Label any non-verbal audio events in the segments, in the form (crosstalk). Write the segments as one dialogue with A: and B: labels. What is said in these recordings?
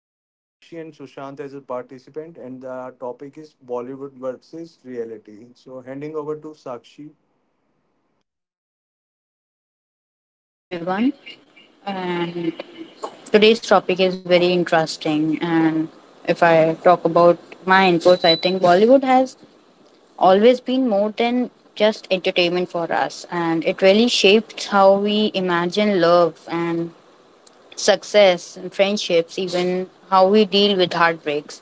A: have Sakshi and Sushant as a participant, and the topic is Bollywood versus reality. So, handing over to Sakshi.
B: Hi everyone, and today's topic is very interesting. And if I talk about my inputs, I think Bollywood has always been more than just entertainment for us, and it really shaped how we imagine love and success and friendships, even how we deal with heartbreaks.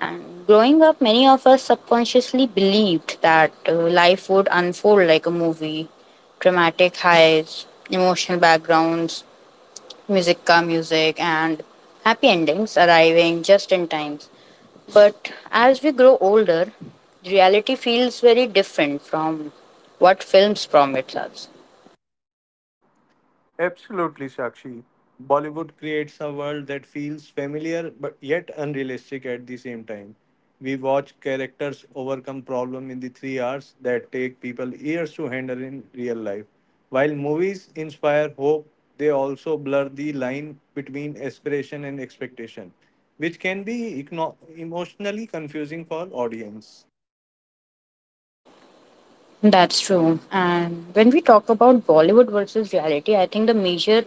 B: And growing up, many of us subconsciously believed that life would unfold like a movie, dramatic highs, emotional backgrounds, music and happy endings arriving just in time. But as we grow older, reality feels very different from what films promise us.
A: Absolutely, Sakshi. Bollywood creates a world that feels familiar but yet unrealistic at the same time. We watch characters overcome problems in the 3 hours that take people years to handle in real life. While movies inspire hope, they also blur the line between aspiration and expectation, which can be emotionally confusing for audience.
B: That's true. And when we talk about Bollywood versus reality, I think the major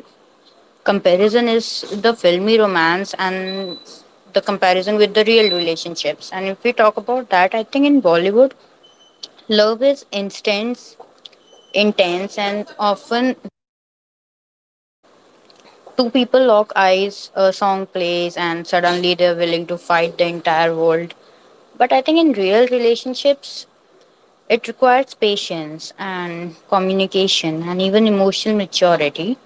B: comparison is the filmy romance and the comparison with the real relationships. And if we talk about that, I think in Bollywood, love is intense, intense, and often two people lock eyes, a song plays, and suddenly they're willing to fight the entire world. But I think in real relationships, it requires patience and communication and even emotional maturity.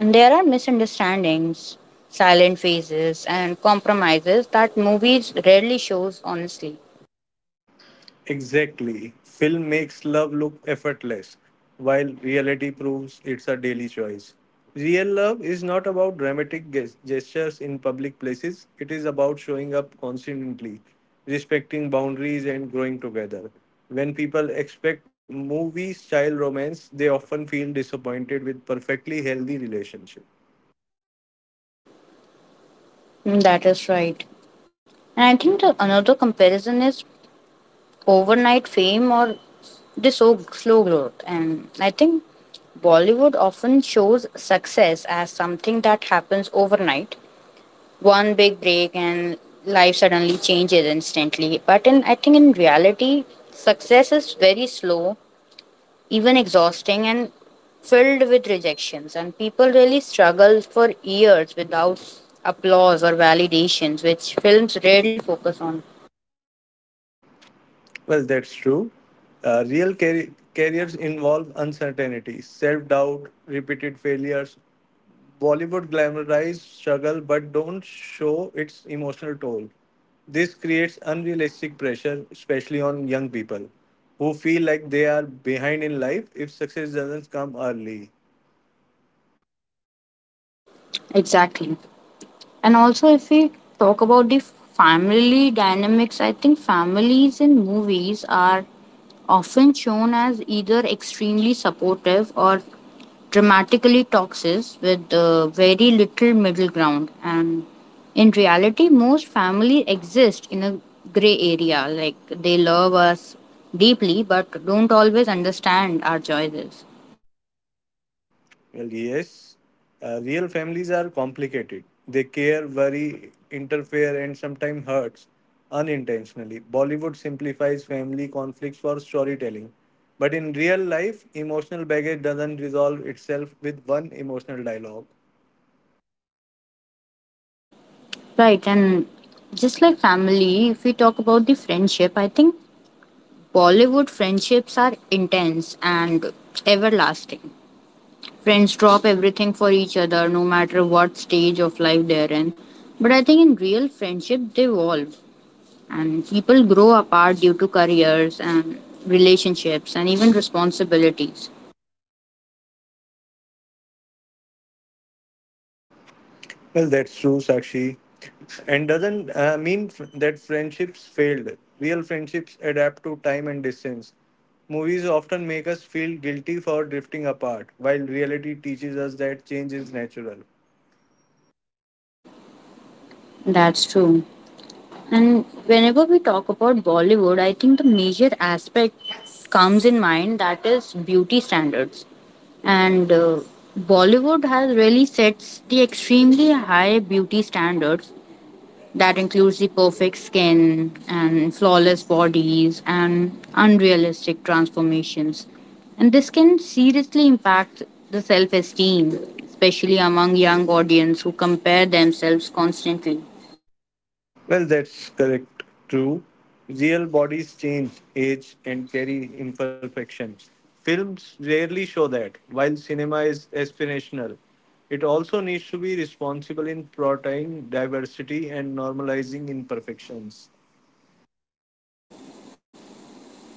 B: And there are misunderstandings, silent phases, and compromises that movies rarely shows honestly.
A: Exactly. Film makes love look effortless, while reality proves it's a daily choice. Real love is not about dramatic gestures in public places, it is about showing up constantly, respecting boundaries, and growing together. When people expect movie style romance, they often feel disappointed with perfectly healthy relationships.
B: Mm, that is right. And I think the another comparison is overnight fame or this so slow growth, and I think Bollywood often shows success as something that happens overnight, one big break, and life suddenly changes instantly. But in I think in reality, success is very slow, even exhausting, and filled with rejections. And people really struggle for years without applause or validations, which films rarely focus on.
A: Well, that's true. Real careers involve uncertainty, self doubt, repeated failures. Bollywood glamorizes struggle but don't show its emotional toll. This creates unrealistic pressure, especially on young people who feel like they are behind in life if success doesn't come early.
B: Exactly. And also, if we talk about the family dynamics, I think families in movies are often shown as either extremely supportive or dramatically toxic with very little middle ground. And in reality, most families exist in a gray area. Like they love us deeply but don't always understand our choices.
A: Well, yes, real families are complicated. They care, worry, interfere, and sometimes hurts unintentionally. Bollywood simplifies family conflicts for storytelling. But in real life, emotional baggage doesn't resolve itself with one emotional dialogue.
B: Right. And just like family, if we talk about the friendship, I think Bollywood friendships are intense and everlasting. Friends drop everything for each other no matter what stage of life they're in. But I think in real friendship, they evolve and people grow apart due to careers and relationships and even responsibilities.
A: Well, that's true, Sakshi. And doesn't mean that friendships failed. Real friendships adapt to time and distance. Movies often make us feel guilty for drifting apart, while reality teaches us that change is natural.
B: That's true. And whenever we talk about Bollywood, I think the major aspect comes in mind that is beauty standards. And Bollywood has really sets the extremely high beauty standards that includes the perfect skin and flawless bodies and unrealistic transformations. And this can seriously impact the self esteem, especially among young audience who compare themselves constantly.
A: Well, that's correct. True. Real bodies change, age, and carry imperfections. Films rarely show that. While cinema is aspirational, it also needs to be responsible in portraying diversity and normalizing imperfections.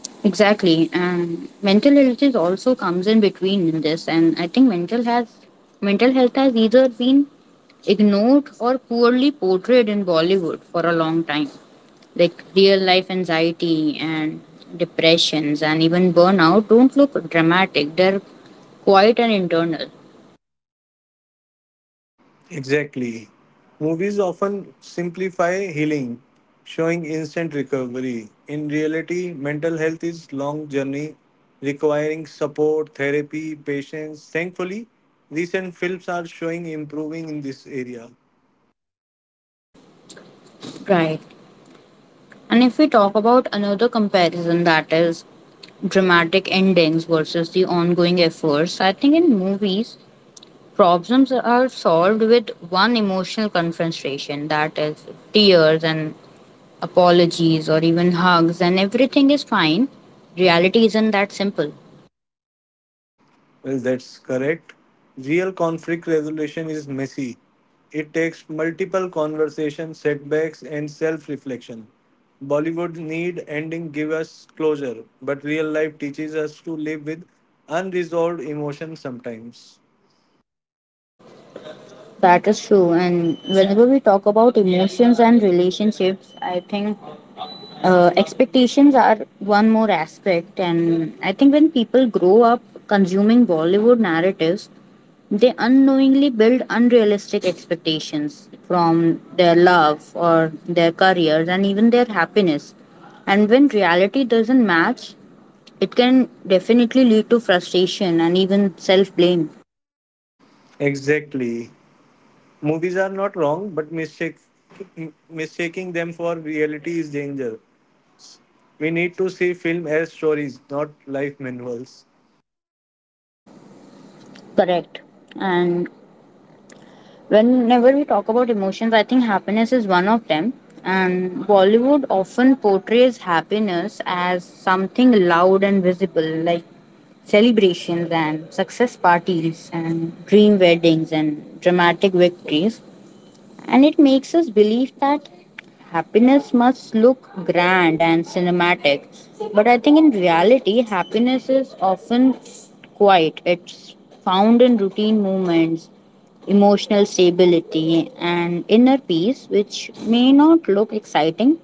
B: Exactly. And mental health is also comes in between in this, and I think mental health has either been ignored or poorly portrayed in Bollywood for a long time. Like real life anxiety and depressions and even burnout don't look dramatic. They're quite an internal.
A: Exactly. Movies often simplify healing, showing instant recovery. In reality, mental health is long journey requiring support, therapy, patience. Thankfully, recent films are showing improving in this area.
B: Right. And if we talk about another comparison that is dramatic endings versus the ongoing efforts, I think in movies problems are solved with one emotional confrontation, that is, tears and apologies or even hugs, and everything is fine. Reality isn't that simple.
A: Well, that's correct. Real conflict resolution is messy. It takes multiple conversations, setbacks, and self-reflection. Bollywood need ending give us closure, but real life teaches us to live with unresolved emotions sometimes.
B: That is true. And whenever we talk about emotions and relationships, I think expectations are one more aspect, and I think when people grow up consuming Bollywood narratives, they unknowingly build unrealistic expectations from their love or their careers and even their happiness, and when reality doesn't match, it can definitely lead to frustration and even self blame.
A: Exactly. Movies are not wrong, but mistaking them for reality is danger. We need to see film as stories, not life manuals.
B: Correct. And whenever we talk about emotions, I think happiness is one of them. And Bollywood often portrays happiness as something loud and visible, like celebrations and success parties and dream weddings and dramatic victories. And it makes us believe that happiness must look grand and cinematic. But I think in reality, happiness is often quiet, it's found in routine moments, emotional stability, and inner peace, which may not look exciting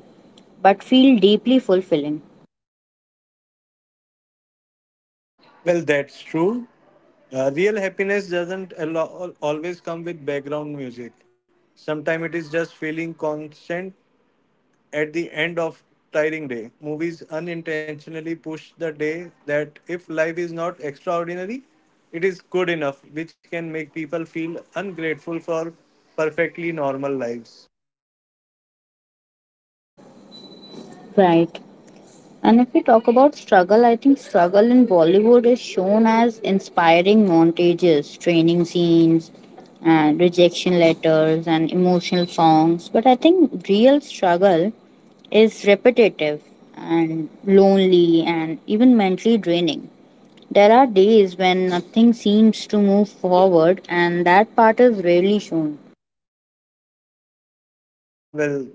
B: but feel deeply fulfilling.
A: Well, that's true. Real happiness doesn't always come with background music. Sometimes it is just feeling constant at the end of tiring day. Movies unintentionally push the day that if life is not extraordinary, it is good enough, which can make people feel ungrateful for perfectly normal lives.
B: Right. And if we talk about struggle, I think struggle in Bollywood is shown as inspiring montages, training scenes, and rejection letters, and emotional songs. But I think real struggle is repetitive and lonely and even mentally draining. There are days when nothing seems to move forward, and that part is rarely shown.
A: Well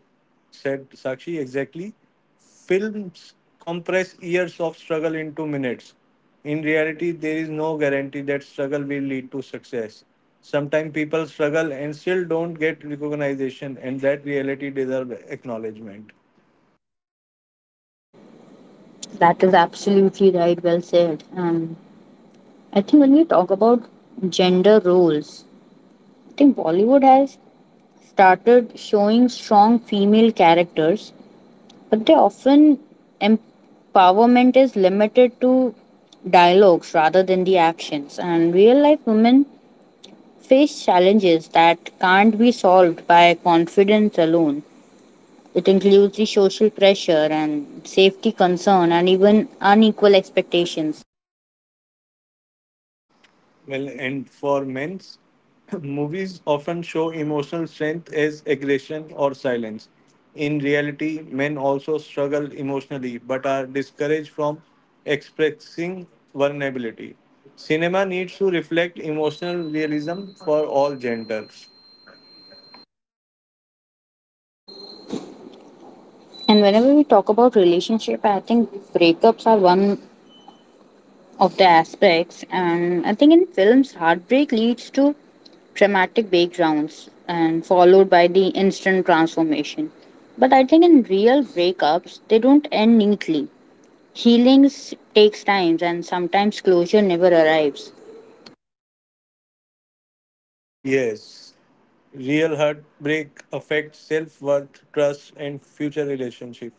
A: said, Sakshi, exactly. Films compress years of struggle into minutes. In reality, there is no guarantee that struggle will lead to success. Sometimes people struggle and still don't get recognition, and that reality deserves acknowledgement.
B: That is absolutely right, well said. And I think when we talk about gender roles, I think Bollywood has started showing strong female characters, but they often empowerment is limited to dialogues rather than the actions. And real life women face challenges that can't be solved by confidence alone. It includes the social pressure and safety concern and even unequal expectations.
A: Well, and for men's, (clears throat) movies often show emotional strength as aggression or silence. In reality, men also struggle emotionally but are discouraged from expressing vulnerability. Cinema needs to reflect emotional realism for all genders.
B: And whenever we talk about relationship, I think breakups are one of the aspects. And I think in films, heartbreak leads to dramatic backgrounds and followed by the instant transformation. But I think in real breakups, they don't end neatly. Healings takes time, and sometimes closure never arrives.
A: Yes. Real heartbreak affects self worth, trust, and future relationship.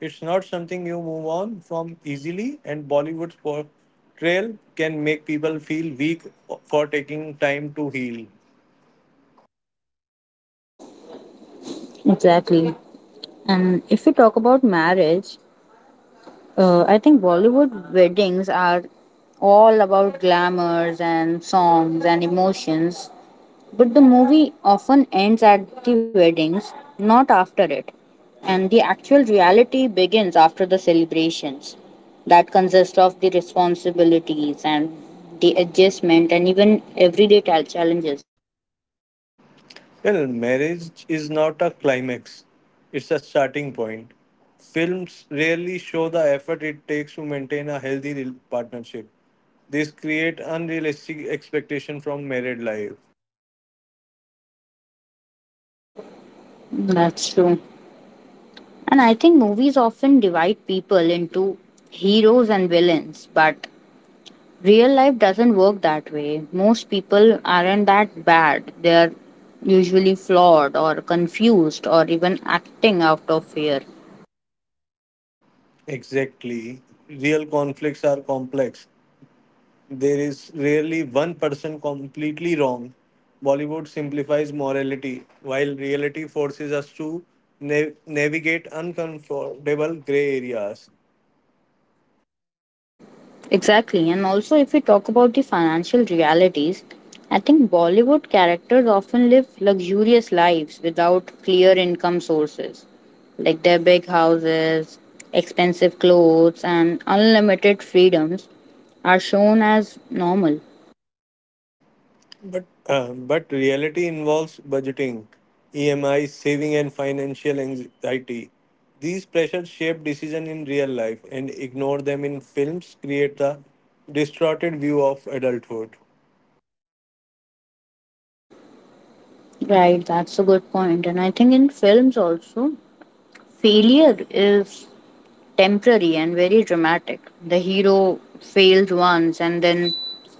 A: It's not something you move on from easily, and Bollywood's portrayal can make people feel weak for taking time to heal.
B: Exactly. And if we talk about marriage, I think Bollywood weddings are all about glamours and songs and emotions, but the movie often ends at the weddings, not after it. And the actual reality begins after the celebrations. That consist of the responsibilities and the adjustment and even everyday challenges.
A: Well, marriage is not a climax, it's a starting point. Films rarely show the effort it takes to maintain a healthy partnership. These create unrealistic expectation from married life.
B: That's true. And I think movies often divide people into heroes and villains, but real life doesn't work that way. Most people aren't that bad. They're usually flawed or confused or even acting out of fear.
A: Exactly. Real conflicts are complex. There is rarely one person completely wrong. Bollywood simplifies morality, while reality forces us to navigate uncomfortable gray areas.
B: Exactly. And also, if we talk about the financial realities, I think Bollywood characters often live luxurious lives without clear income sources, like their big houses, expensive clothes, and unlimited freedoms are shown as normal.
A: But reality involves budgeting, EMI, saving, and financial anxiety. These pressures shape decision in real life, and ignore them in films create a distorted view of adulthood.
B: Right, that's a good point. And I think in films also, failure is temporary and very dramatic. The hero fails once and then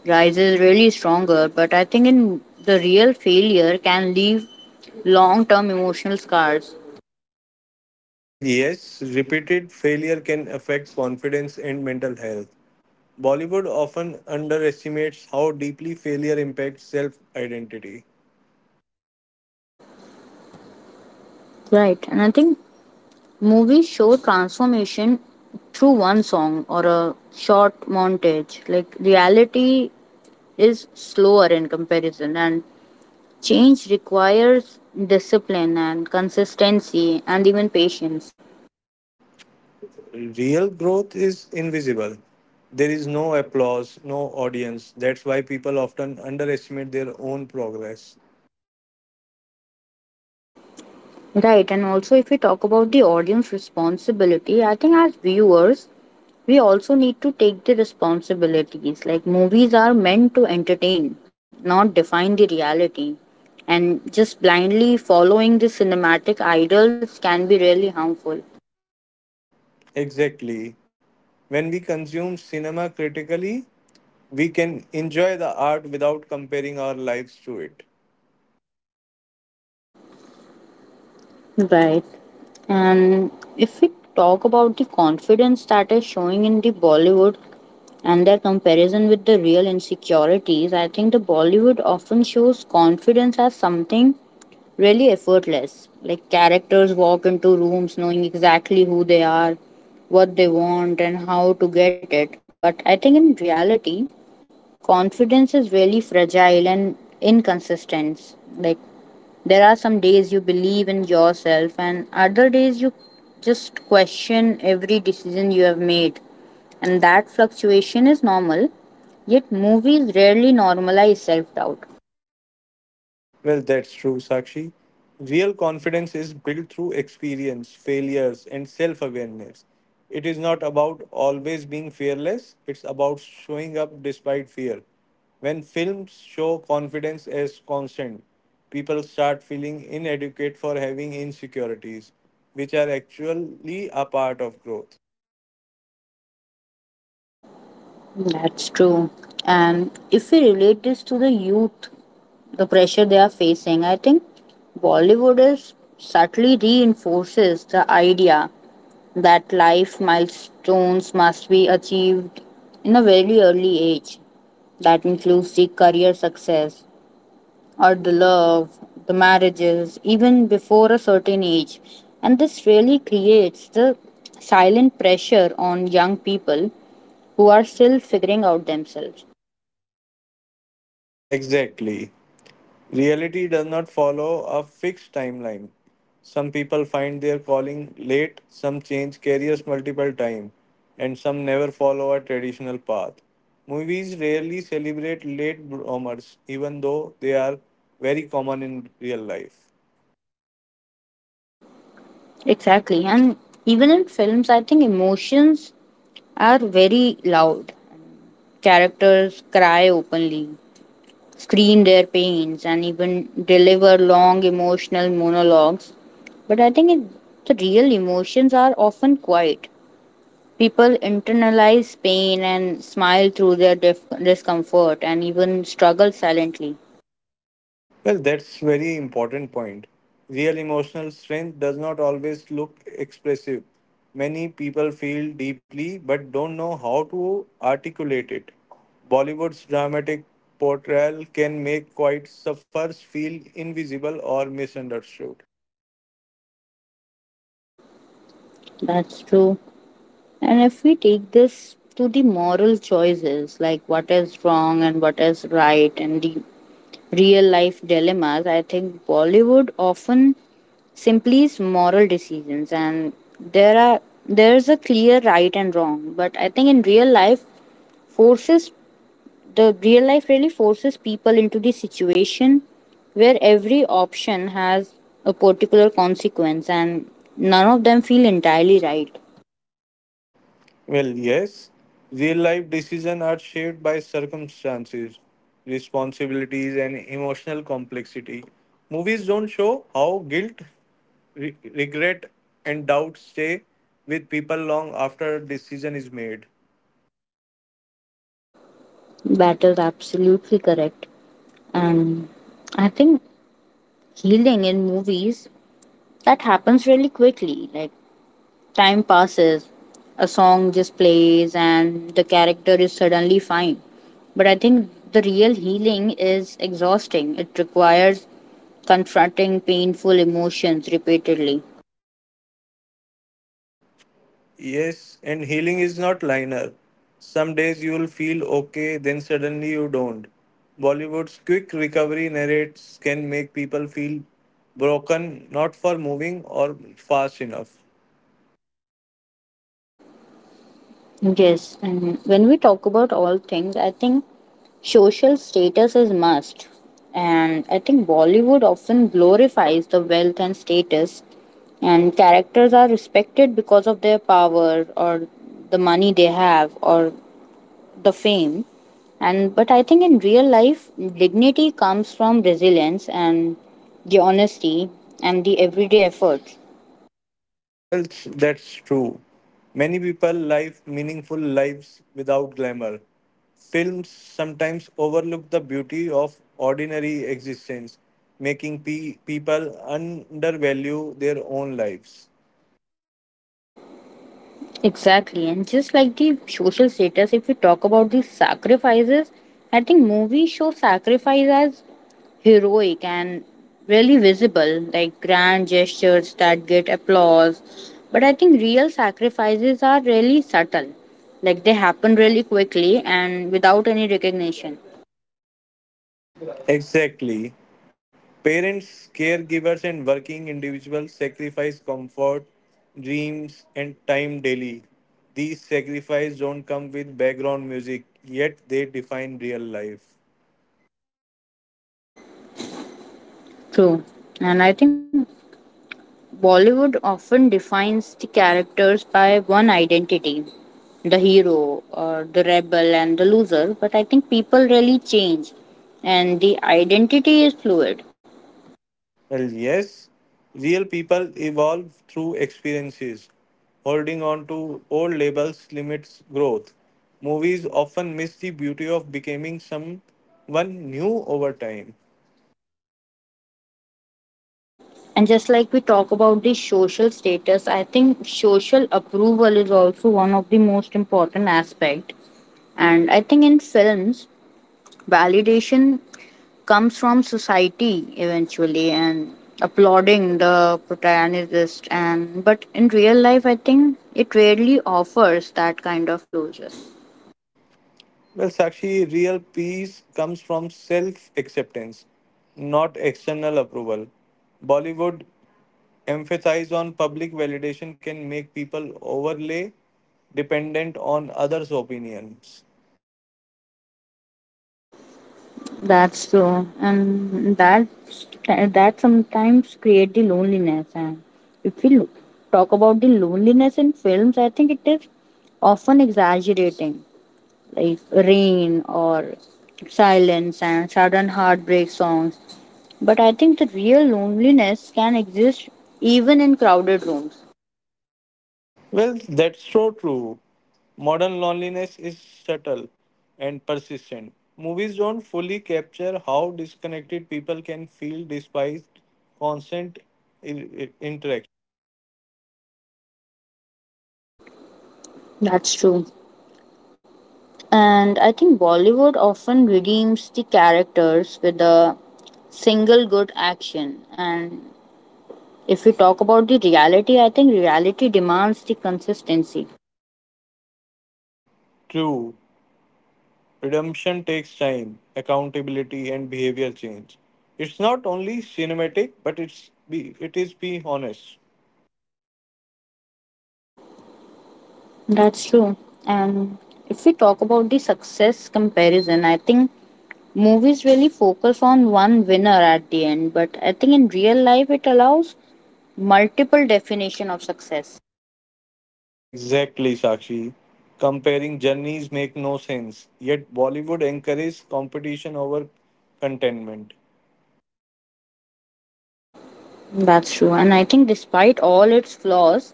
B: rises really stronger, but I think in the real failure can leave long term emotional scars.
A: Well, yes, repeated failure can affect confidence and mental health. Bollywood often underestimates how deeply failure impacts self identity.
B: Right, and I think movies show transformation through one song or a short montage. Like reality is slower in comparison, and change requires discipline and consistency and even patience.
A: Real growth is invisible. There is no applause, no audience. That's why people often underestimate their own progress.
B: Right, and also if we talk about the audience responsibility, I think as viewers, we also need to take the responsibilities. Like movies are meant to entertain, not define the reality. And just blindly following the cinematic ideals can be really harmful.
A: Exactly. When we consume cinema critically, we can enjoy the art without comparing our lives to it.
B: Right. And if we talk about the confidence that is showing in the Bollywood and their comparison with the real insecurities, I think the Bollywood often shows confidence as something really effortless. Like characters walk into rooms knowing exactly who they are, what they want, and how to get it. But I think in reality, confidence is really fragile and inconsistent. Like there are some days you believe in yourself and other days you just question every decision you have made. And that fluctuation is normal. Yet movies rarely normalize self-doubt.
A: Well, that's true, Sakshi. Real confidence is built through experience, failures, and self awareness. It is not about always being fearless, it's about showing up despite fear. When films show confidence as constant, people start feeling inadequate for having insecurities, which are actually a part of growth.
B: That's true. And if we relate this to the youth, the pressure they are facing, I think Bollywood is subtly reinforces the idea that life milestones must be achieved in a very early age. That includes the career success or the love, the marriages, even before a certain age. And this really creates the silent pressure on young people who are still figuring out themselves.
A: Exactly. Reality does not follow a fixed timeline. Some people find their calling late, some change careers multiple times, and some never follow a traditional path. Movies rarely celebrate late bloomers, even though they are very common in real life.
B: Exactly. And even in films, I think emotions are very loud. Characters cry openly, scream their pains and even deliver long emotional monologues. But I think it, the real emotions are often quiet. People internalize pain and smile through their discomfort and even struggle silently.
A: Well, that's very important point. Real emotional strength does not always look expressive. Many people feel deeply but don't know how to articulate it. Bollywood's dramatic portrayal can make quiet suffers feel invisible or misunderstood.
B: That's true. And if we take this to the moral choices, like what is wrong and what is right, and the real life dilemmas, I think Bollywood often simply is moral decisions, and there are there's a clear right and wrong, but I think in real life forces, the real life really forces people into the situation where every option has a particular consequence and none of them feel entirely right.
A: Well, yes, real life decisions are shaped by circumstances, responsibilities, and emotional complexity. Movies don't show how guilt, regret, and doubt stay with people long after a decision is made.
B: That is absolutely correct. And I think healing in movies, that happens really quickly. Like time passes, a song just plays, and the character is suddenly fine. But I think the real healing is exhausting. It requires confronting painful emotions repeatedly.
A: Yes, and healing is not linear. Some days you'll feel okay, then suddenly you don't. Bollywood's quick recovery narrates can make people feel broken, not for moving or fast enough.
B: Yes, and when we talk about all things, I think social status is must. And I think Bollywood often glorifies the wealth and status, and characters are respected because of their power or the money they have or the fame, and but I think in real life dignity comes from resilience and the honesty and the everyday efforts.
A: Well, that's true. Many people live meaningful lives without glamour. Films sometimes overlook the beauty of ordinary existence, making people undervalue their own lives.
B: Exactly. And just like the social status, if we talk about the sacrifices, I think movies show sacrifice as heroic and really visible, like grand gestures that get applause, but I think real sacrifices are really subtle. Like they happen really quickly and without any recognition.
A: Exactly. Parents, caregivers, and working individuals sacrifice comfort, dreams, and time daily. These sacrifices don't come with background music, yet they define real life.
B: True. And I think Bollywood often defines the characters by one identity, the hero, or the rebel, and the loser. But I think people really change, and the identity is fluid.
A: Well, yes, real people evolve through experiences. Holding on to old labels limits growth. Movies often miss the beauty of becoming someone new over time.
B: And just like we talk about the social status, I think social approval is also one of the most important aspect. And I think in films, validation comes from society eventually and applauding the protagonist, and but in real life, I think it rarely offers that kind of closure.
A: Well, Sakshi, real peace comes from self acceptance, not external approval. Bollywood emphasis on public validation can make people overly dependent on others' opinions.
B: That's true. And that sometimes create the loneliness. And if we lo- talk about the loneliness in films, I think it is often exaggerating, like rain or silence and sudden heartbreak songs. But I think the real loneliness can exist even in crowded rooms.
A: Well, that's so true. Modern loneliness is subtle and persistent. Movies don't fully capture how disconnected people can feel despite constant interaction.
B: That's true. And I think Bollywood often redeems the characters with a single good action. And if we talk about the reality, I think reality demands the consistency.
A: True, redemption takes time, accountability, and behavior change. It's not only cinematic, but it is be honest.
B: That's true. And if we talk about the success comparison, I think movies really focus on one winner at the end. But I think in real life, it allows multiple definition of success.
A: Exactly, Sakshi. Comparing journeys make no sense. Yet Bollywood encourages competition over contentment.
B: That's true. And I think despite all its flaws,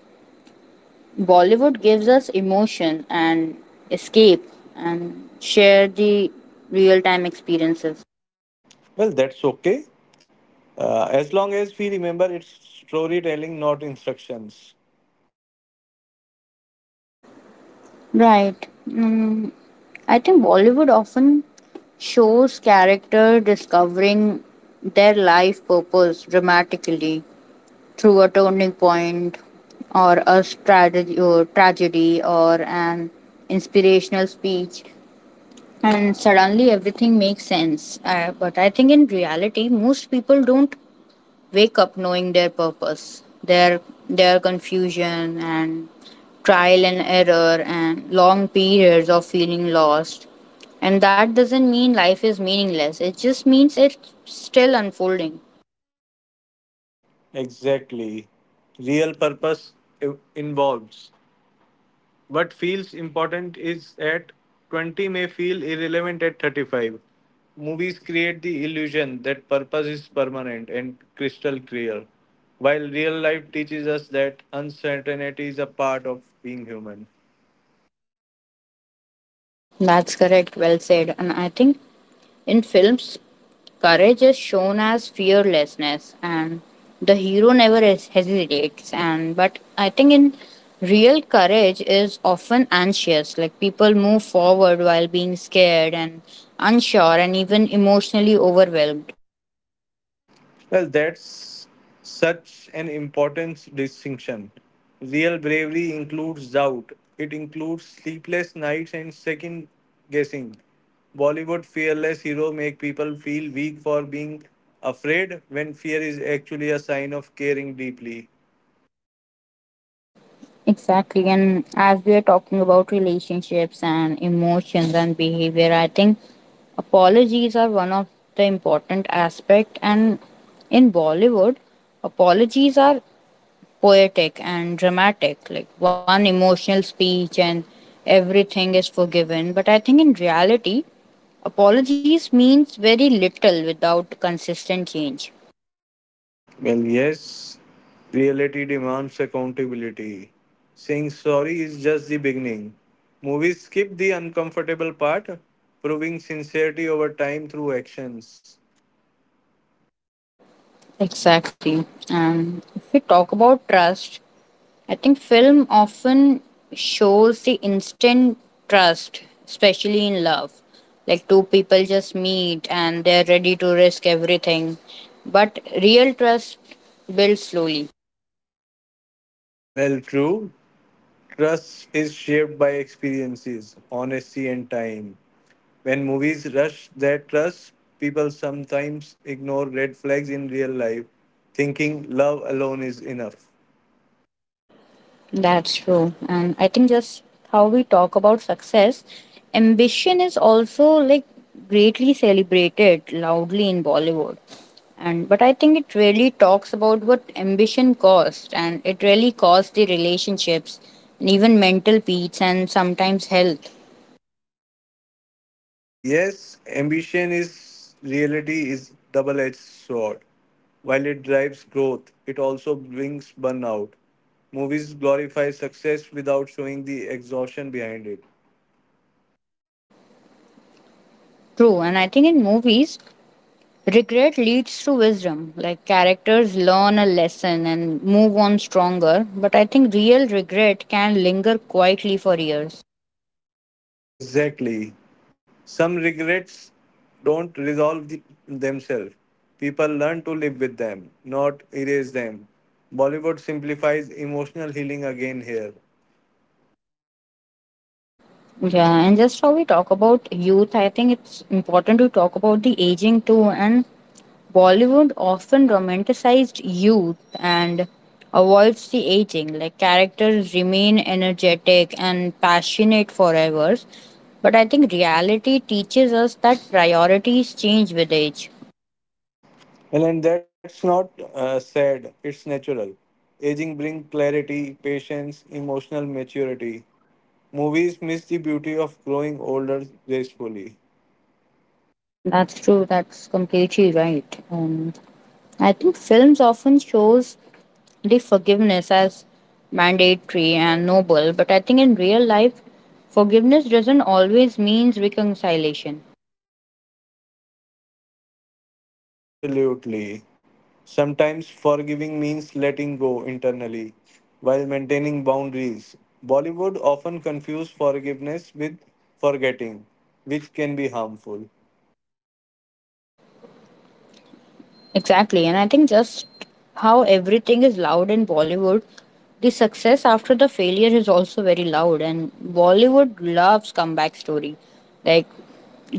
B: Bollywood gives us emotion and escape and share the real time experiences.
A: Well, that's okay. As long as we remember it's storytelling, not instructions.
B: Right. I think Bollywood often shows character discovering their life purpose dramatically through a turning point or a strategy or tragedy or an inspirational speech, and suddenly everything makes sense. But I think in reality, most people don't wake up knowing their purpose, their confusion and trial and error and long periods of feeling lost. And that doesn't mean life is meaningless. It just means it's still unfolding.
A: Exactly. Real purpose involves. What feels important is at 20 may feel irrelevant at 35. Movies create the illusion that purpose is permanent and crystal clear, while real life teaches us that uncertainty is a part of being human.
B: That's correct. Well said. And I think in films, courage is shown as fearlessness, and the hero never hesitates. And but I think in real courage is often anxious. Like people move forward while being scared and unsure, and even emotionally overwhelmed.
A: Well, that's such an important distinction. Real bravery includes doubt, it includes sleepless nights and second guessing. Bollywood fearless hero make people feel weak for being afraid when fear is actually a sign of caring deeply.
B: Exactly, and as we are talking about relationships and emotions and behavior, I think apologies are one of the important aspect. And in Bollywood, apologies are poetic and dramatic, like one emotional speech and everything is forgiven. But I think in reality, apologies means very little without consistent change.
A: Well, yes, reality demands accountability. Saying sorry is just the beginning. Movies skip the uncomfortable part, proving sincerity over time through actions.
B: Exactly. And if we talk about trust, I think film often shows the instant trust, especially in love, like two people just meet and they're ready to risk everything, but real trust builds slowly.
A: Well, true. Trust is shaped by experiences, honesty, and time. When movies rush their trust, people sometimes ignore red flags in real life, thinking love alone is enough.
B: That's true. And I think just how we talk about success, ambition is also like greatly celebrated loudly in Bollywood. And but I think it really talks about what ambition cost, and it really costs the relationships and even mental peace and sometimes health.
A: Yes, ambition is reality is double-edged sword. While it drives growth, it also brings burnout. Movies glorify success without showing the exhaustion behind it.
B: True, and I think in movies, regret leads to wisdom. Like characters learn a lesson and move on stronger, but I think real regret can linger quietly for years.
A: Exactly. Some regrets don't resolve the, themselves. People learn to live with them, not erase them. Bollywood simplifies emotional healing again here.
B: Yeah, and just how we talk about youth, I think it's important to talk about the aging too. And Bollywood often romanticized youth and avoids the aging. Like characters remain energetic and passionate forever. But I think reality teaches us that priorities change with age.
A: Well, and that's not sad, it's natural. Aging brings clarity, patience, emotional maturity. Movies miss the beauty of growing older gracefully.
B: That's true. That's completely right. I think films often shows the forgiveness as mandatory and noble, but I think in real life, forgiveness doesn't always means reconciliation.
A: Absolutely. Sometimes forgiving means letting go internally while maintaining boundaries. Bollywood often confuses forgiveness with forgetting, which can be harmful.
B: Exactly. And I think just how everything is loud in Bollywood, the success after the failure is also very loud. And Bollywood loves comeback story, like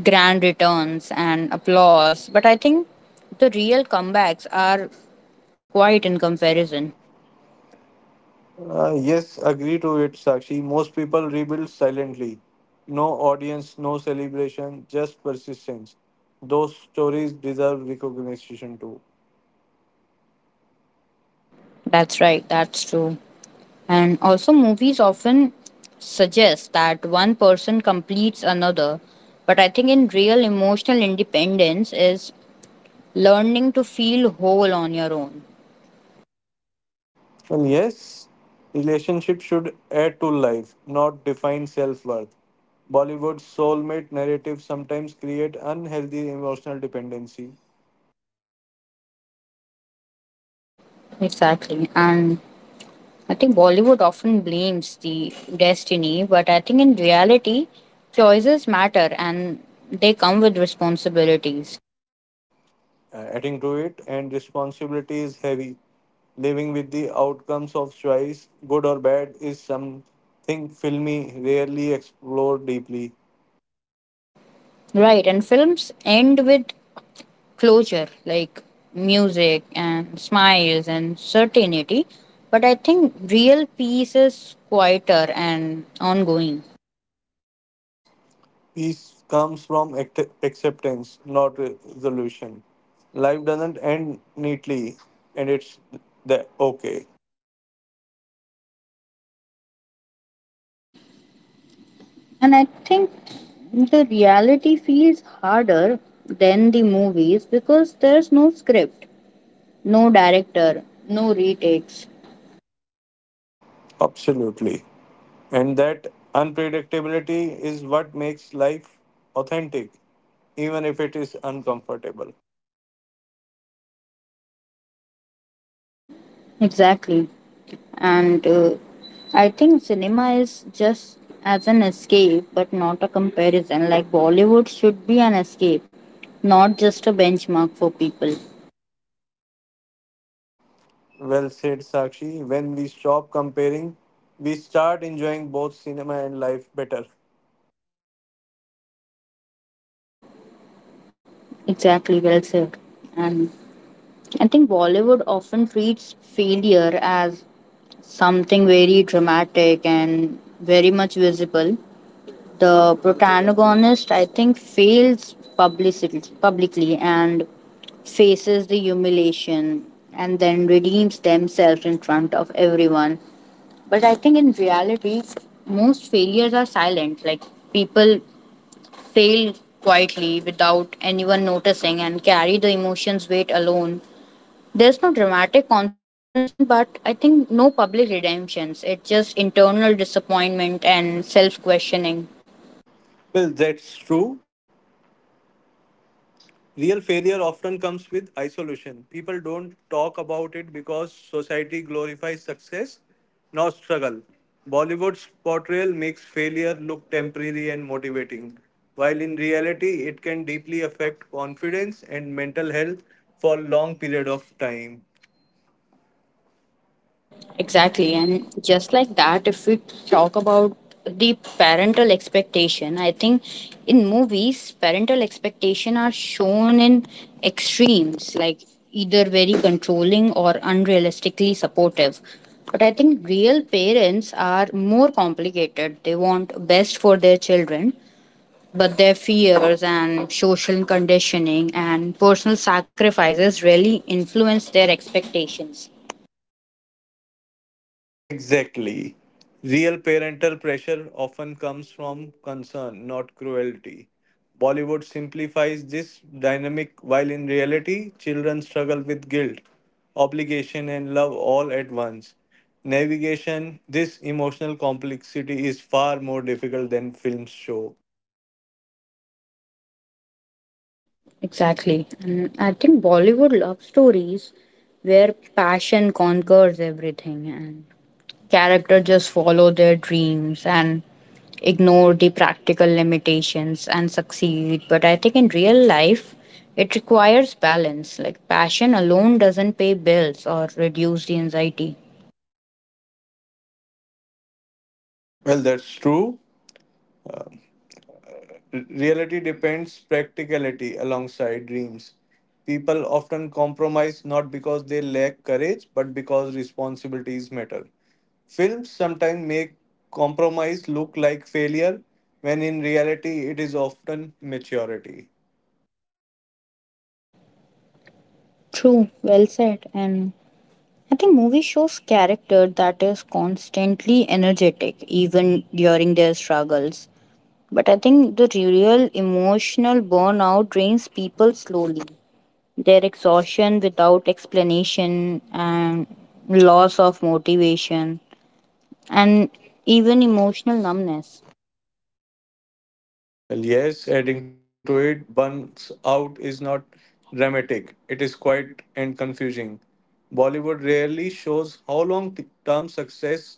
B: grand returns and applause. But I think the real comebacks are quite in comparison.
A: Yes, agree to it, Sakshi. Most people rebuild silently. No audience, no celebration, just persistence. Those stories deserve recognition too.
B: That's right. That's true. And also, movies often suggest that one person completes another. But I think in real, emotional independence is learning to feel whole on your own.
A: Well, yes, relationship should add to life, not define self-worth. Bollywood's soulmate narrative sometimes create unhealthy emotional dependency.
B: Exactly. And I think Bollywood often blames the destiny, but I think in reality, choices matter and they come with responsibilities.
A: Adding to it, and responsibility is heavy. Living with the outcomes of choice, good or bad, is something filmy rarely explored deeply.
B: Right. And films end with closure, like music and smiles and certainty. But I think real peace is quieter and ongoing.
A: Peace comes from acceptance, not resolution. Life doesn't end neatly, and it's the okay.
B: And I think the reality feels harder than the movies, because there's no script, no director, no retakes.
A: Absolutely. And that unpredictability is what makes life authentic, even if it is uncomfortable.
B: Exactly. And I think cinema is just as an escape, but not a comparison. Like Bollywood should be an escape, not just a benchmark for people.
A: Well said, Sakshi. When we stop comparing, we start enjoying both cinema and life better.
B: Exactly, well said. And I think Bollywood often treats failure as something very dramatic and very much visible. The protagonist, I think, fails publicity, publicly, and faces the humiliation and then redeems themselves in front of everyone. But I think in reality, most failures are silent. Like people fail quietly without anyone noticing and carry the emotions weight alone. There's no dramatic confrontation, but I think no public redemptions. It's just internal disappointment and self questioning.
A: Well, that's true. Real failure often comes with isolation. People don't talk about it because society glorifies success, not struggle. Bollywood's portrayal makes failure look temporary and motivating, while in reality, it can deeply affect confidence and mental health for long period of time.
B: Exactly. And just like that, if we talk about the parental expectation, I think in movies, parental expectation are shown in extremes, like either very controlling or unrealistically supportive. But I think real parents are more complicated. They want best for their children, but their fears and social conditioning and personal sacrifices really influence their expectations.
A: Exactly. Real parental pressure often comes from concern, not cruelty. Bollywood simplifies this dynamic while in reality, children struggle with guilt, obligation, and love all at once. Navigation, this emotional complexity is far more difficult than films show.
B: Exactly. And I think Bollywood love stories where passion conquers everything and character just follow their dreams and ignore the practical limitations and succeed. But I think in real life, it requires balance. Like passion alone doesn't pay bills or reduce the anxiety.
A: Well, that's true. Reality depends practicality alongside dreams. People often compromise not because they lack courage, but because responsibilities matter. Films sometimes make compromise look like failure, when in reality, it is often maturity.
B: True, well said. And I think movie shows character that is constantly energetic even during their struggles. But I think the real emotional burnout drains people slowly. Their exhaustion without explanation and loss of motivation and even emotional numbness.
A: Well, yes, adding to it, Buns Out is not dramatic. It is quite and confusing. Bollywood rarely shows how long term success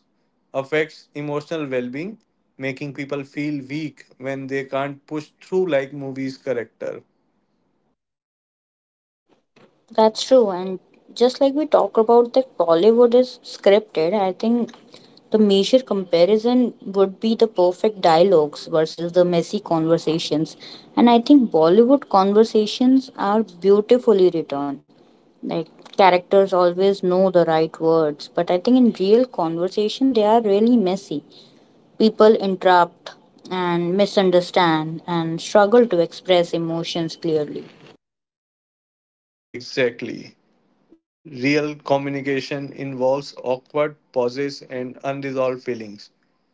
A: affects emotional well being, making people feel weak when they can't push through like movies' character.
B: That's true. And just like we talk about that Bollywood is scripted, I think the major comparison would be the perfect dialogues versus the messy conversations. And I think Bollywood conversations are beautifully written. Like characters always know the right words, but I think in real conversation they are really messy. People interrupt and misunderstand and struggle to express emotions clearly.
A: Exactly. Real communication involves awkward pauses and unresolved feelings.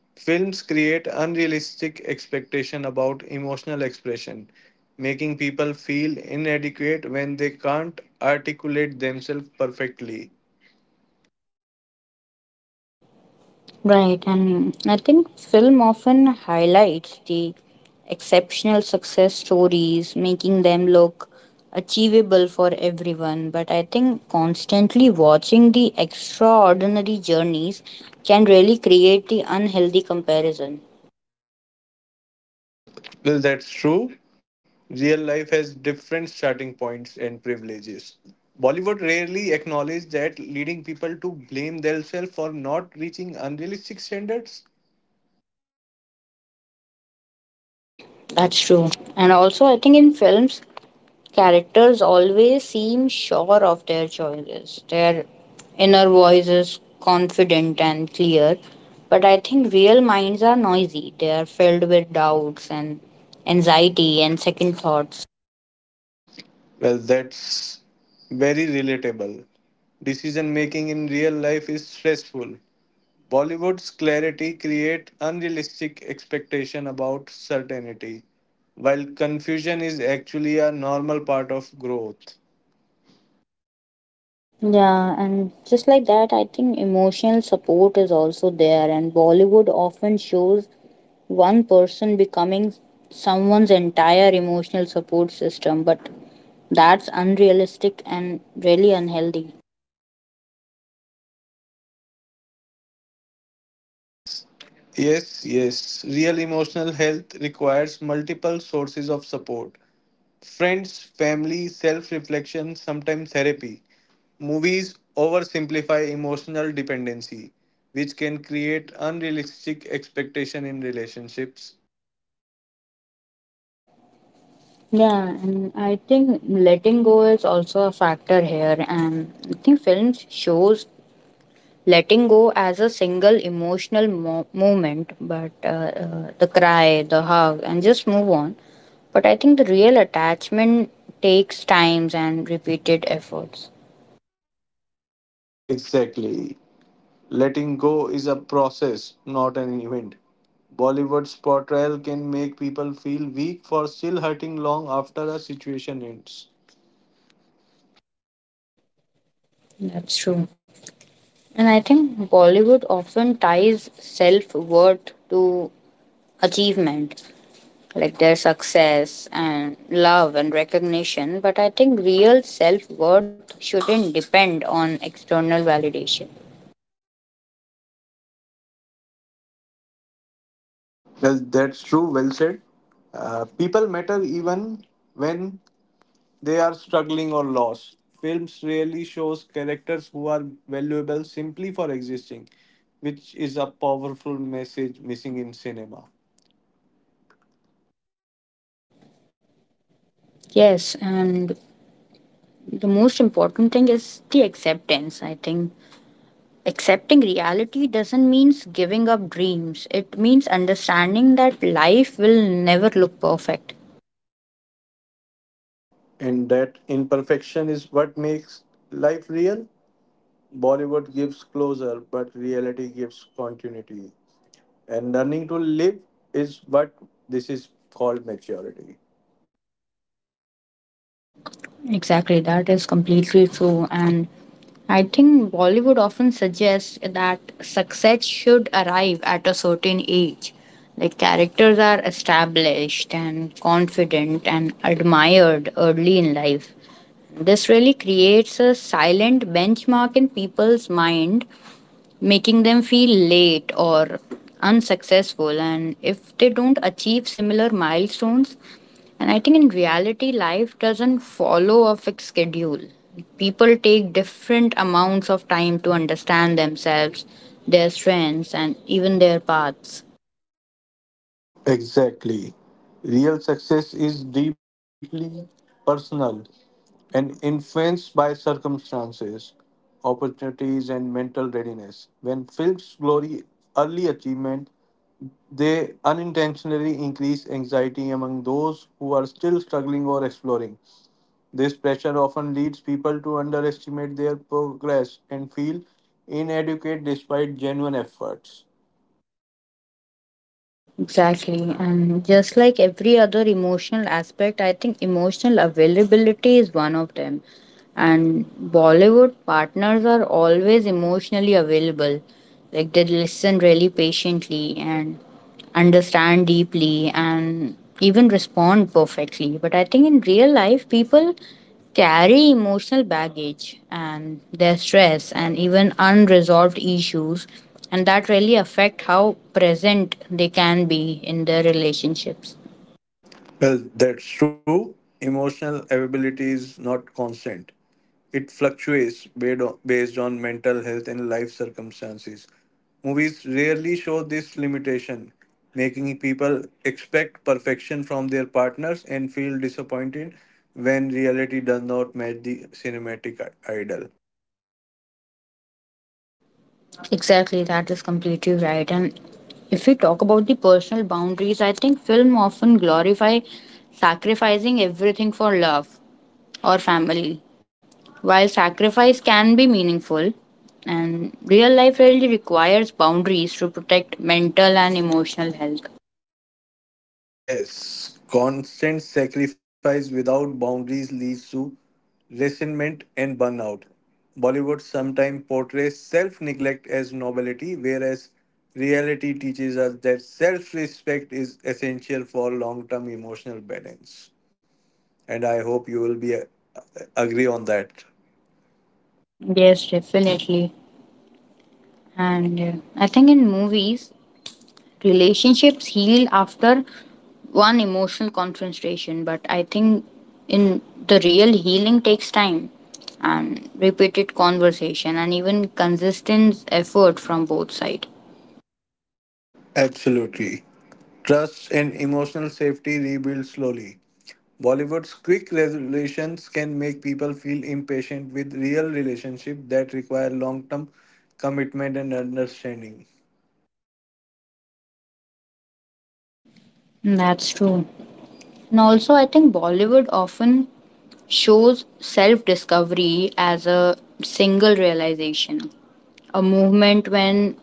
A: Films create unrealistic expectation about emotional expression, making people feel inadequate when they can't articulate themselves perfectly.
B: Right, and I think film often highlights the exceptional success stories, making them look achievable for everyone. But I think constantly watching the extraordinary journeys can really create the unhealthy comparison.
A: Well, that's true. Real life has different starting points and privileges. Bollywood rarely acknowledges that, leading people to blame themselves for not reaching unrealistic standards.
B: That's true. And also, I think in films, characters always seem sure of their choices. Their inner voice is confident and clear, but I think real minds are noisy. They are filled with doubts and anxiety and second thoughts.
A: Well, that's very relatable. Decision making in real life is stressful, Bollywood's clarity create unrealistic expectation about certainty, while confusion is actually a normal part of growth.
B: Yeah, and just like that, I think emotional support is also there, and Bollywood often shows one person becoming someone's entire emotional support system, but that's unrealistic and really unhealthy.
A: Yes, yes, yes. Real emotional health requires multiple sources of support. Friends, family, self reflection, sometimes therapy. Movies oversimplify emotional dependency, which can create unrealistic expectation in relationships.
B: Yeah, and I think letting go is also a factor here. And I think films shows letting go as a single emotional moment, but the cry, the hug, and just move on. But I think the real attachment takes times and repeated efforts.
A: Exactly. Letting go is a process, not an event. Bollywood's portrayal can make people feel weak for still hurting long after a situation ends.
B: That's true. And I think Bollywood often ties self worth to achievement, like their success and love and recognition. But I think real self worth shouldn't depend on external validation.
A: Well, that's true, well said. People matter even when they are struggling or lost. Films really shows characters who are valuable simply for existing, which is a powerful message missing in cinema.
B: Yes, and the most important thing is the acceptance. I think accepting reality doesn't mean giving up dreams, it means understanding that life will never look perfect.
A: And that imperfection is what makes life real. Bollywood gives closure, but reality gives continuity. And learning to live is what this is called maturity.
B: Exactly, that is completely true. And I think Bollywood often suggests that success should arrive at a certain age. Like characters are established and confident and admired early in life. This really creates a silent benchmark in people's mind, making them feel late or unsuccessful. And if they don't achieve similar milestones, and I think in reality, life doesn't follow a fixed schedule. People take different amounts of time to understand themselves, their strengths, and even their paths.
A: Exactly. Real success is deeply personal and influenced by circumstances, opportunities, and mental readiness. When films glory early achievement, they unintentionally increase anxiety among those who are still struggling or exploring. This pressure often leads people to underestimate their progress and feel inadequate despite genuine efforts.
B: Exactly. And just like every other emotional aspect, I think emotional availability is one of them. And Bollywood partners are always emotionally available, like they listen really patiently and understand deeply and even respond perfectly. But I think in real life, people carry emotional baggage and their stress and even unresolved issues, and that really affect how present they can be in their relationships.
A: Well, that's true. Emotional availability is not constant. It fluctuates based on, based on mental health and life circumstances. Movies rarely show this limitation, making people expect perfection from their partners and feel disappointed when reality does not match the cinematic ideal.
B: Exactly, that is completely right. And if we talk about the personal boundaries, I think film often glorify sacrificing everything for love or family. While sacrifice can be meaningful, and real life really requires boundaries to protect mental and emotional health.
A: Yes, constant sacrifice without boundaries leads to resentment and burnout. Bollywood sometimes portrays self neglect as nobility, whereas reality teaches us that self respect is essential for long term emotional balance. And I hope you will be agree on that.
B: Yes, definitely. And I think in movies, relationships heal after one emotional confrontation, but I think in the real, healing takes time and repeated conversation and even consistent effort from both sides.
A: Absolutely. Trust and emotional safety rebuild slowly. Bollywood's quick resolutions can make people feel impatient with real relationships that require long term commitment and understanding.
B: That's true. And also, I think Bollywood often shows self discovery as a single realization, a movement when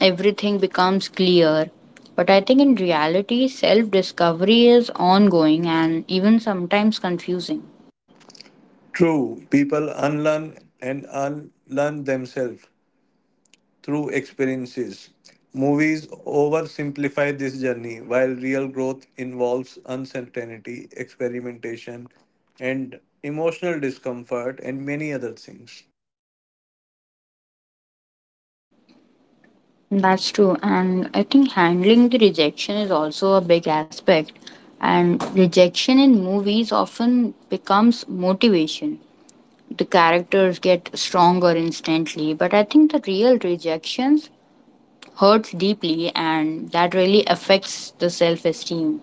B: everything becomes clear. But I think in reality, self discovery is ongoing and even sometimes confusing.
A: True, people unlearn and unlearn themselves through experiences. Movies oversimplify this journey, while real growth involves uncertainty, experimentation, and emotional discomfort, and many other things.
B: That's true. And I think handling the rejection is also a big aspect. And rejection in movies often becomes motivation. The characters get stronger instantly, but I think the real rejections hurts deeply and that really affects the self esteem.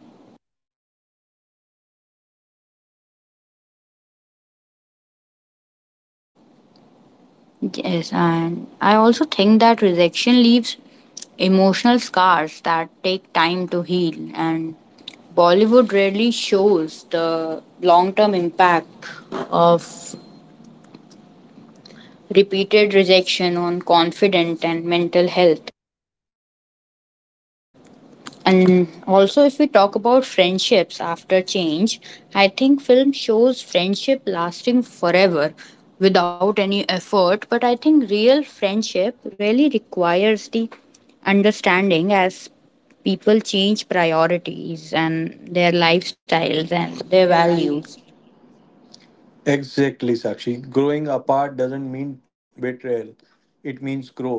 B: Yes, and I also think that rejection leaves emotional scars that take time to heal, and Bollywood rarely shows the long term impact of repeated rejection on confidence and mental health. And also, if we talk about friendships after change, I think film shows friendship lasting forever without any effort. But I think real friendship really requires the understanding as people change priorities and their lifestyles and their values.
A: Exactly, Sakshi. Growing apart doesn't mean betrayal, it means growth.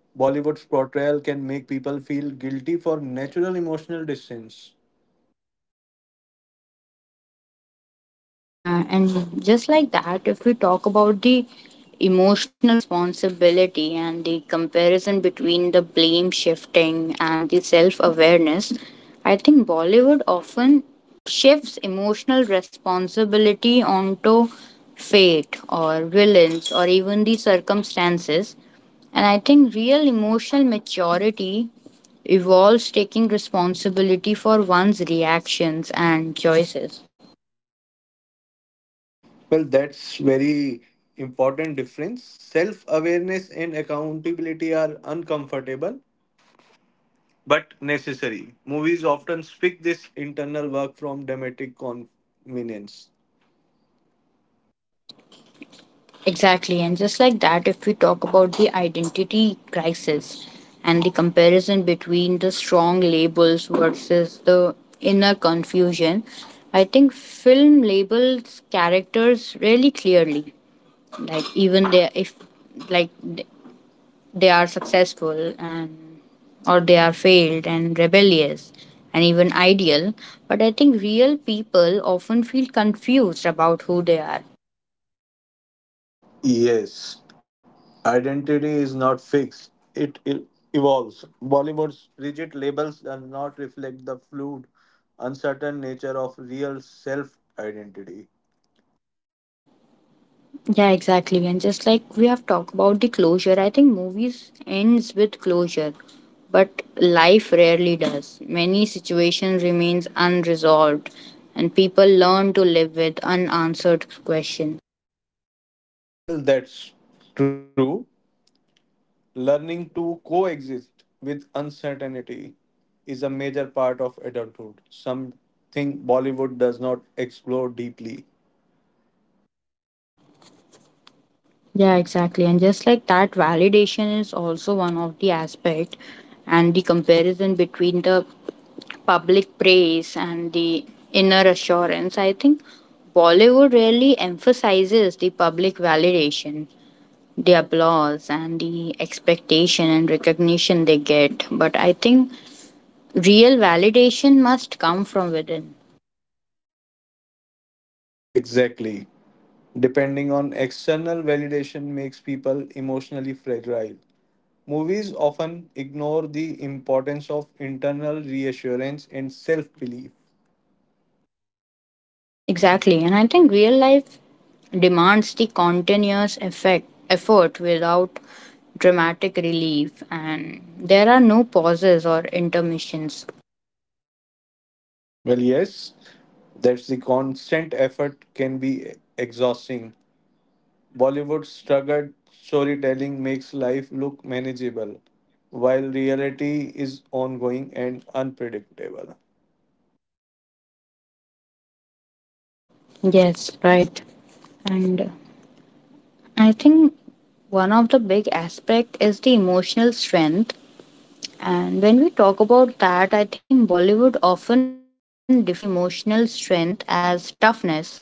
A: Bollywood's portrayal can make people feel guilty for natural emotional distance.
B: Yeah, and just like that, if we talk about the emotional responsibility and the comparison between the blame shifting and the self awareness, I think Bollywood often shifts emotional responsibility onto fate or villains or even the circumstances. And I think real emotional maturity involves taking responsibility for one's reactions and choices.
A: Well, that's very important difference. Self-awareness and accountability are uncomfortable but necessary. Movies often speak this internal work from dramatic convenience.
B: Exactly, and just like that, if we talk about the identity crisis and the comparison between the strong labels versus the inner confusion, I think film labels characters really clearly. Like even they, if like th- they are successful and or they are failed and rebellious and even ideal, but I think real people often feel confused about who they are.
A: Yes, identity is not fixed, it evolves. Bollywood's rigid labels do not reflect the fluid, uncertain nature of real self identity.
B: Yeah, exactly. And just like we have talked about the closure, I think movies ends with closure, but life rarely does. Many situations remains unresolved and people learn to live with unanswered question.
A: Well, that's true. Learning to coexist with uncertainty is a major part of adulthood, something Bollywood does not explore deeply.
B: Yeah, exactly. And just like that, validation is also one of the aspect and the comparison between the public praise and the inner assurance. I think Bollywood really emphasizes the public validation, the applause and the expectation and recognition they get. But I think real validation must come from within.
A: Exactly. Depending on external validation makes people emotionally fragile. Movies often ignore the importance of internal reassurance and self belief.
B: Exactly. And I think real life demands the effort without dramatic relief. And there are no pauses or intermissions.
A: Well, yes, that's the constant effort can be exhausting. Bollywood's struggled storytelling makes life look manageable, while reality is ongoing and unpredictable.
B: Yes, right. And I think one of the big aspect is the emotional strength. And when we talk about that, I think Bollywood often defines the emotional strength as toughness.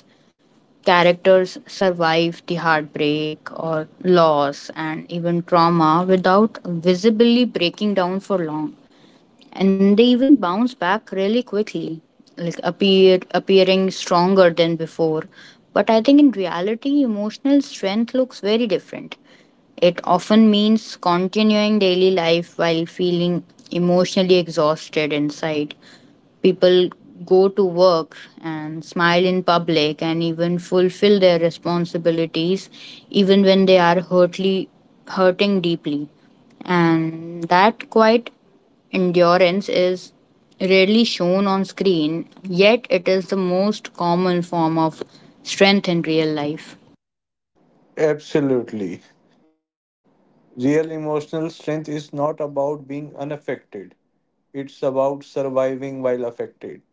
B: Characters survive the heartbreak or loss and even trauma without visibly breaking down for long, and they even bounce back really quickly, like appearing stronger than before. But I think in reality, emotional strength looks very different. It often means continuing daily life while feeling emotionally exhausted inside. People go to work and smile in public and even fulfill their responsibilities even when they are hurtly hurting deeply. And that quite endurance is rarely shown on screen, yet it is the most common form of strength in real life.
A: Absolutely. Real emotional strength is not about being unaffected, it's about surviving while affected.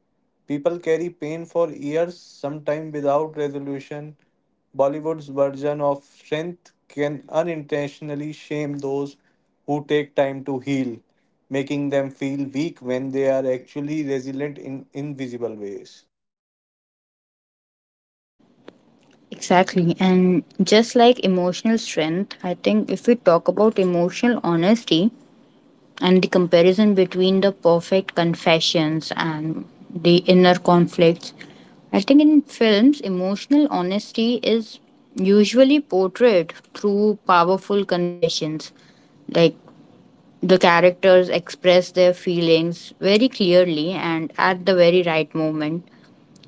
A: People carry pain for years, sometimes without resolution. Bollywood's version of strength can unintentionally shame those who take time to heal, making them feel weak when they are actually resilient in invisible ways.
B: Exactly. And just like emotional strength, I think if we talk about emotional honesty and the comparison between the perfect confessions and the inner conflicts, I think in films, emotional honesty is usually portrayed through powerful confessions. Like, the characters express their feelings very clearly and at the very right moment,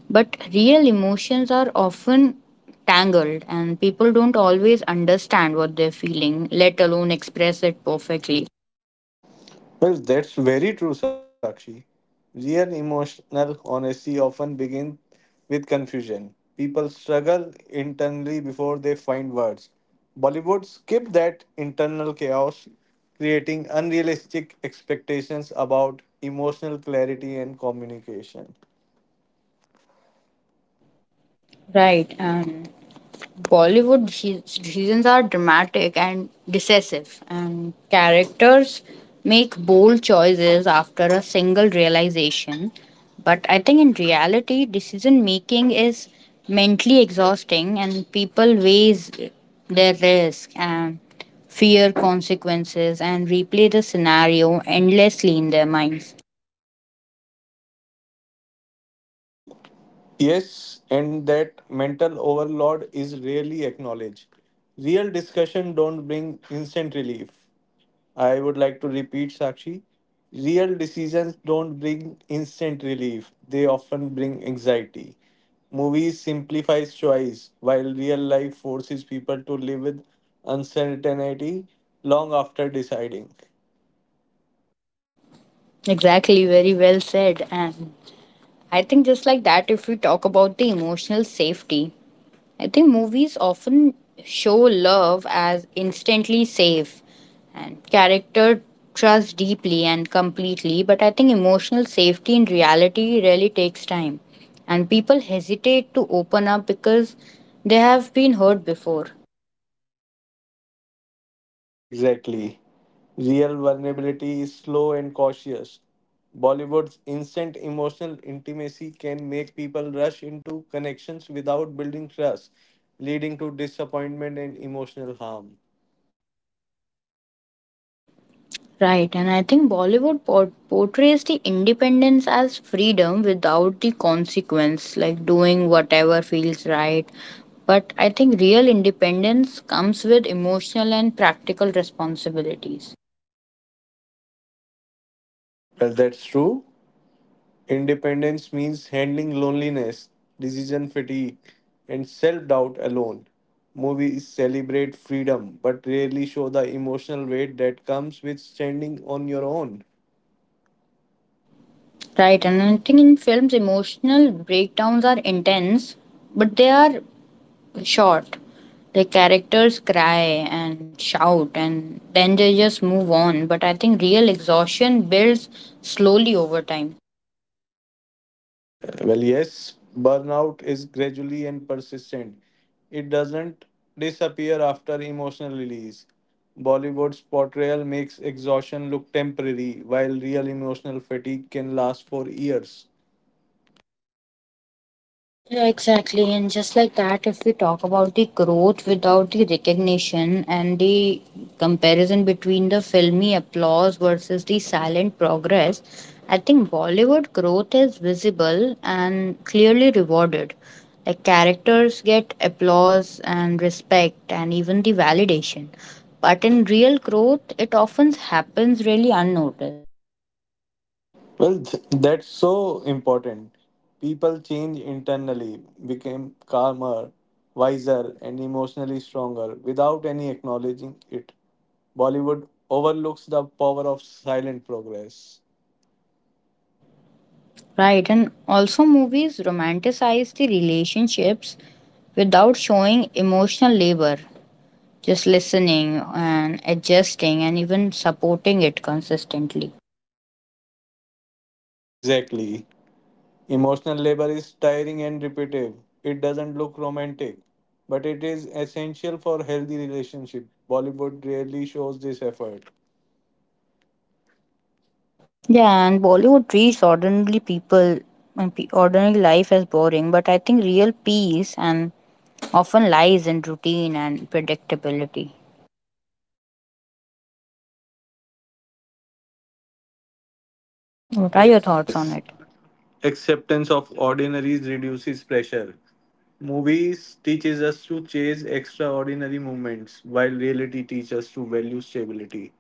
B: but real emotions are often tangled and people don't always understand what they're feeling, let alone express it perfectly.
A: Well, that's very true, Sakshi. Real emotional honesty often begins with confusion. People struggle internally before they find words. Bollywood skipped that internal chaos, creating unrealistic expectations about emotional clarity and communication.
B: Right, and seasons are dramatic and decisive, and characters make bold choices after a single realization. But I think in reality, decision making is mentally exhausting, and people weighs their risk and fear consequences and replay the scenario endlessly in their minds.
A: Yes, and that mental overload is rarely acknowledged. Real discussion don't bring instant relief. I would like to repeat, Sakshi. Real decisions don't bring instant relief, they often bring anxiety. Movies simplifies choice, while real life forces people to live with uncertainty long after deciding.
B: Exactly, very well said. And I think just like that, if we talk about the emotional safety, I think movies often show love as instantly safe and character trust deeply and completely, but I think emotional safety in reality really takes time. And people hesitate to open up because they have been hurt before.
A: Exactly. Real vulnerability is slow and cautious. Bollywood's instant emotional intimacy can make people rush into connections without building trust, leading to disappointment and emotional harm.
B: Right, and I think portrays the independence as freedom without the consequence, like doing whatever feels right. But I think real independence comes with emotional and practical responsibilities.
A: Well, that's true. Independence means handling loneliness, decision fatigue, and self doubt alone. Movies celebrate freedom but rarely show the emotional weight that comes with standing on your own.
B: Right, and I think in films, emotional breakdowns are intense, but they are short. The characters cry and shout, and then they just move on. But I think real exhaustion builds slowly over time.
A: Well, yes, burnout is gradually and persistent. It doesn't disappear after emotional release. Bollywood's portrayal makes exhaustion look temporary, while real emotional fatigue can last for years.
B: Yeah, exactly. And just like that, if we talk about the growth without the recognition and the comparison between the filmy applause versus the silent progress, I think Bollywood growth is visible and clearly rewarded. Like, characters get applause and respect and even the validation. But in real growth, it often happens really unnoticed.
A: Well, that's so important. People change internally, became calmer, wiser, and emotionally stronger without any acknowledging it. Bollywood overlooks the power of silent progress.
B: Right, and also movies romanticize the relationships without showing emotional labor, just listening and adjusting and even supporting it consistently.
A: Exactly. Emotional labor is tiring and repetitive. It doesn't look romantic, but it is essential for healthy relationship. Bollywood rarely shows this effort.
B: Yeah, and Bollywood treats ordinary people and ordinary life as boring, but I think real peace and often lies in routine and predictability. What are your thoughts on
A: Yes,
B: it?
A: acceptance of ordinaries reduces pressure. Movies teaches us to chase extraordinary moments, while reality teaches us to value stability.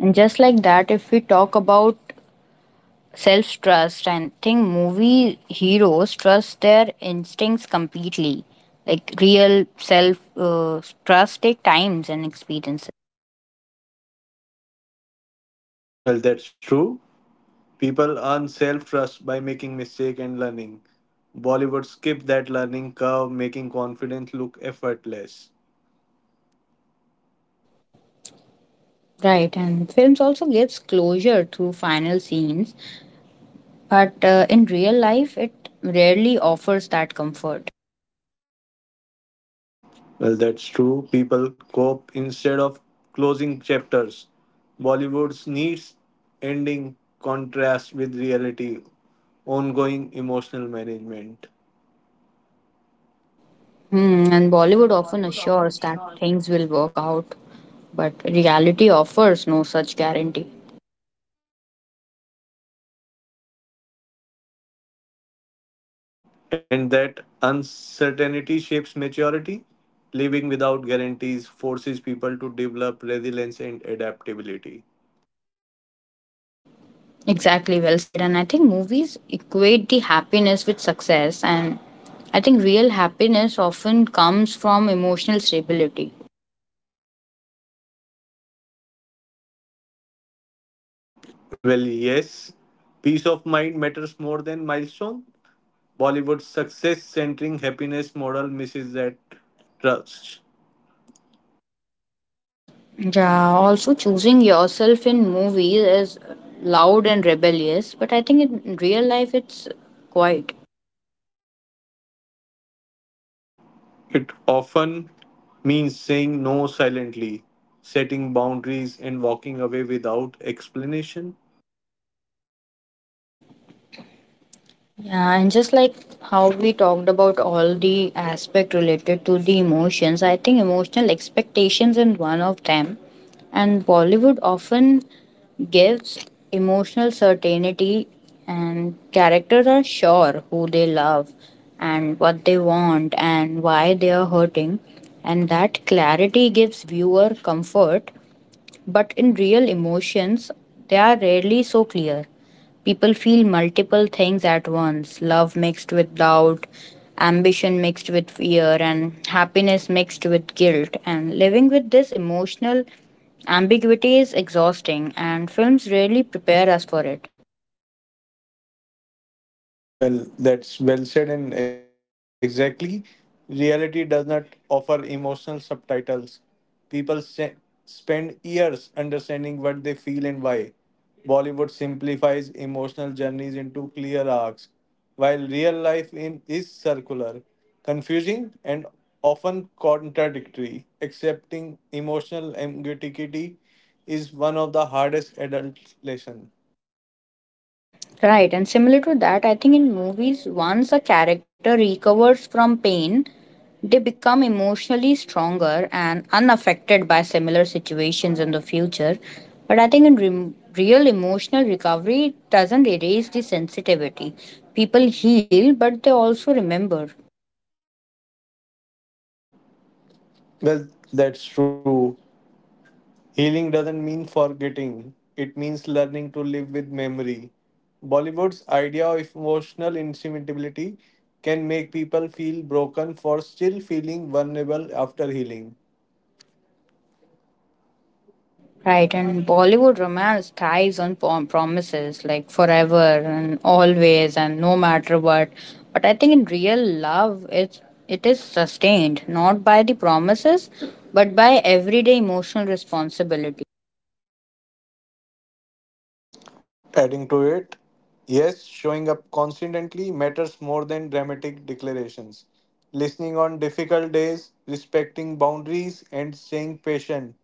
B: And just like that, if we talk about self trust and think movie heroes trust their instincts completely, like real self trust take times and experience.
A: Well, that's true. People earn self-trust by making mistake and learning. Bollywood skipped that learning curve, making confidence look effortless.
B: Right, and films also gives closure through final scenes, but in real life it rarely offers that comfort.
A: Well, that's true. People cope instead of closing chapters. Bollywood's needs ending contrast with reality, ongoing emotional management.
B: Hmm, and Bollywood often assures that things will work out, but reality offers no such guarantee.
A: And that uncertainty shapes maturity. Living without guarantees forces people to develop resilience and adaptability.
B: Exactly, well said. And I think movies equate the happiness with success. And I think real happiness often comes from emotional stability.
A: Well, yes, peace of mind matters more than milestone. Bollywood's success centering happiness model misses that trust.
B: Yeah, also choosing yourself in movies is loud and rebellious, but I think in real life it's quiet.
A: It often means saying no silently, setting boundaries, and walking away without explanation.
B: Yeah, and just like how we talked about all the aspect related to the emotions, I think emotional expectations is one of them. And Bollywood often gives emotional certainty, and characters are sure who they love and what they want and why they are hurting, and that clarity gives viewer comfort. But in real emotions, they are rarely so clear. People feel multiple things at once: love mixed with doubt, ambition mixed with fear, and happiness mixed with guilt. And living with this emotional ambiguity is exhausting, and films rarely prepare us for it.
A: Well, that's well said, and exactly. Reality does not offer emotional subtitles. People spend years understanding what they feel and why. Bollywood simplifies emotional journeys into clear arcs, while real life in is circular, confusing, and often contradictory. Accepting emotional ambiguity is one of the hardest adult lessons.
B: Right, and similar to that, I think in movies, once a character recovers from pain, they become emotionally stronger and unaffected by similar situations in the future. But I think in rem real emotional recovery, it doesn't erase the sensitivity. People heal, but they also remember.
A: Well, that's true. Healing doesn't mean forgetting, it means learning to live with memory. Bollywood's idea of emotional insensitivity can make people feel broken for still feeling vulnerable after healing.
B: Right, and Bollywood romance thrives on promises like forever and always and no matter what. But I think in real love, it is sustained not by the promises, but by everyday emotional responsibility.
A: Adding to it, yes, showing up constantly matters more than dramatic declarations. Listening on difficult days, respecting boundaries, and staying patient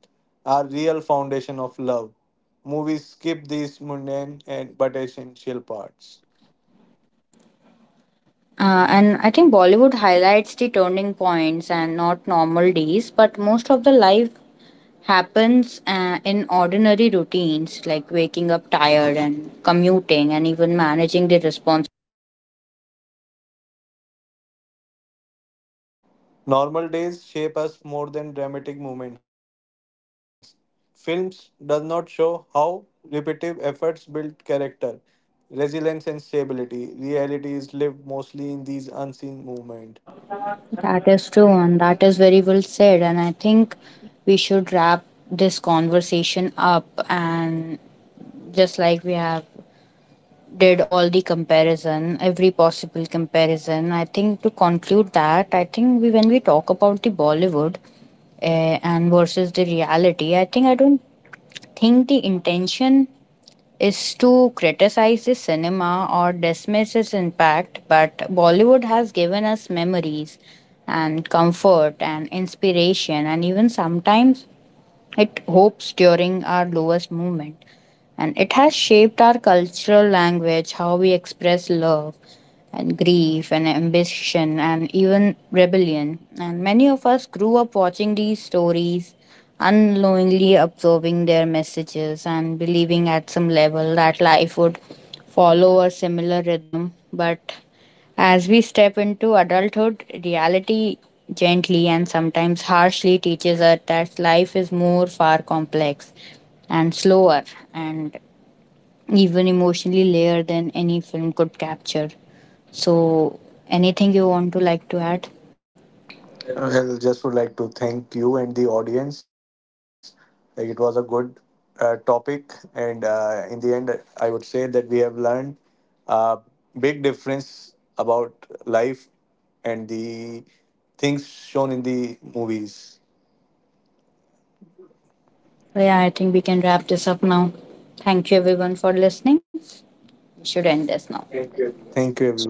A: are real foundation of love. Movies skip these mundane and but essential parts.
B: And I think Bollywood highlights the turning points and not normal days, but most of the life happens in ordinary routines, like waking up tired and commuting and even managing the responsibilities.
A: And those normal days shape us more than dramatic moments. Films does not show how repetitive efforts build character, resilience and stability. Reality is lived mostly in these unseen moments.
B: That is true, and that is very well said. And I think we should wrap this conversation up. And just like we have did all the comparison, every possible comparison, I think to conclude that, I think we when we talk about the Bollywood and versus the reality, I think I don't think the intention is to criticize the cinema or dismiss its impact, but Bollywood has given us memories and comfort and inspiration and even sometimes it hopes during our lowest moment, and it has shaped our cultural language, how we express love and grief and ambition and even rebellion. And many of us grew up watching these stories, unknowingly absorbing their messages and believing at some level that life would follow a similar rhythm, but as we step into adulthood, reality gently and sometimes harshly teaches us that life is more far complex and slower and even emotionally layered than any film could capture. So, anything you want to like to add?
A: Well, just would like to thank you and the audience. Like it was a good topic, and in the end, I would say that we have learned a big difference about life and the things shown in the movies.
B: Yeah, I think we can wrap this up now. Thank you everyone for listening. We should end this now.
A: Thank you, everyone.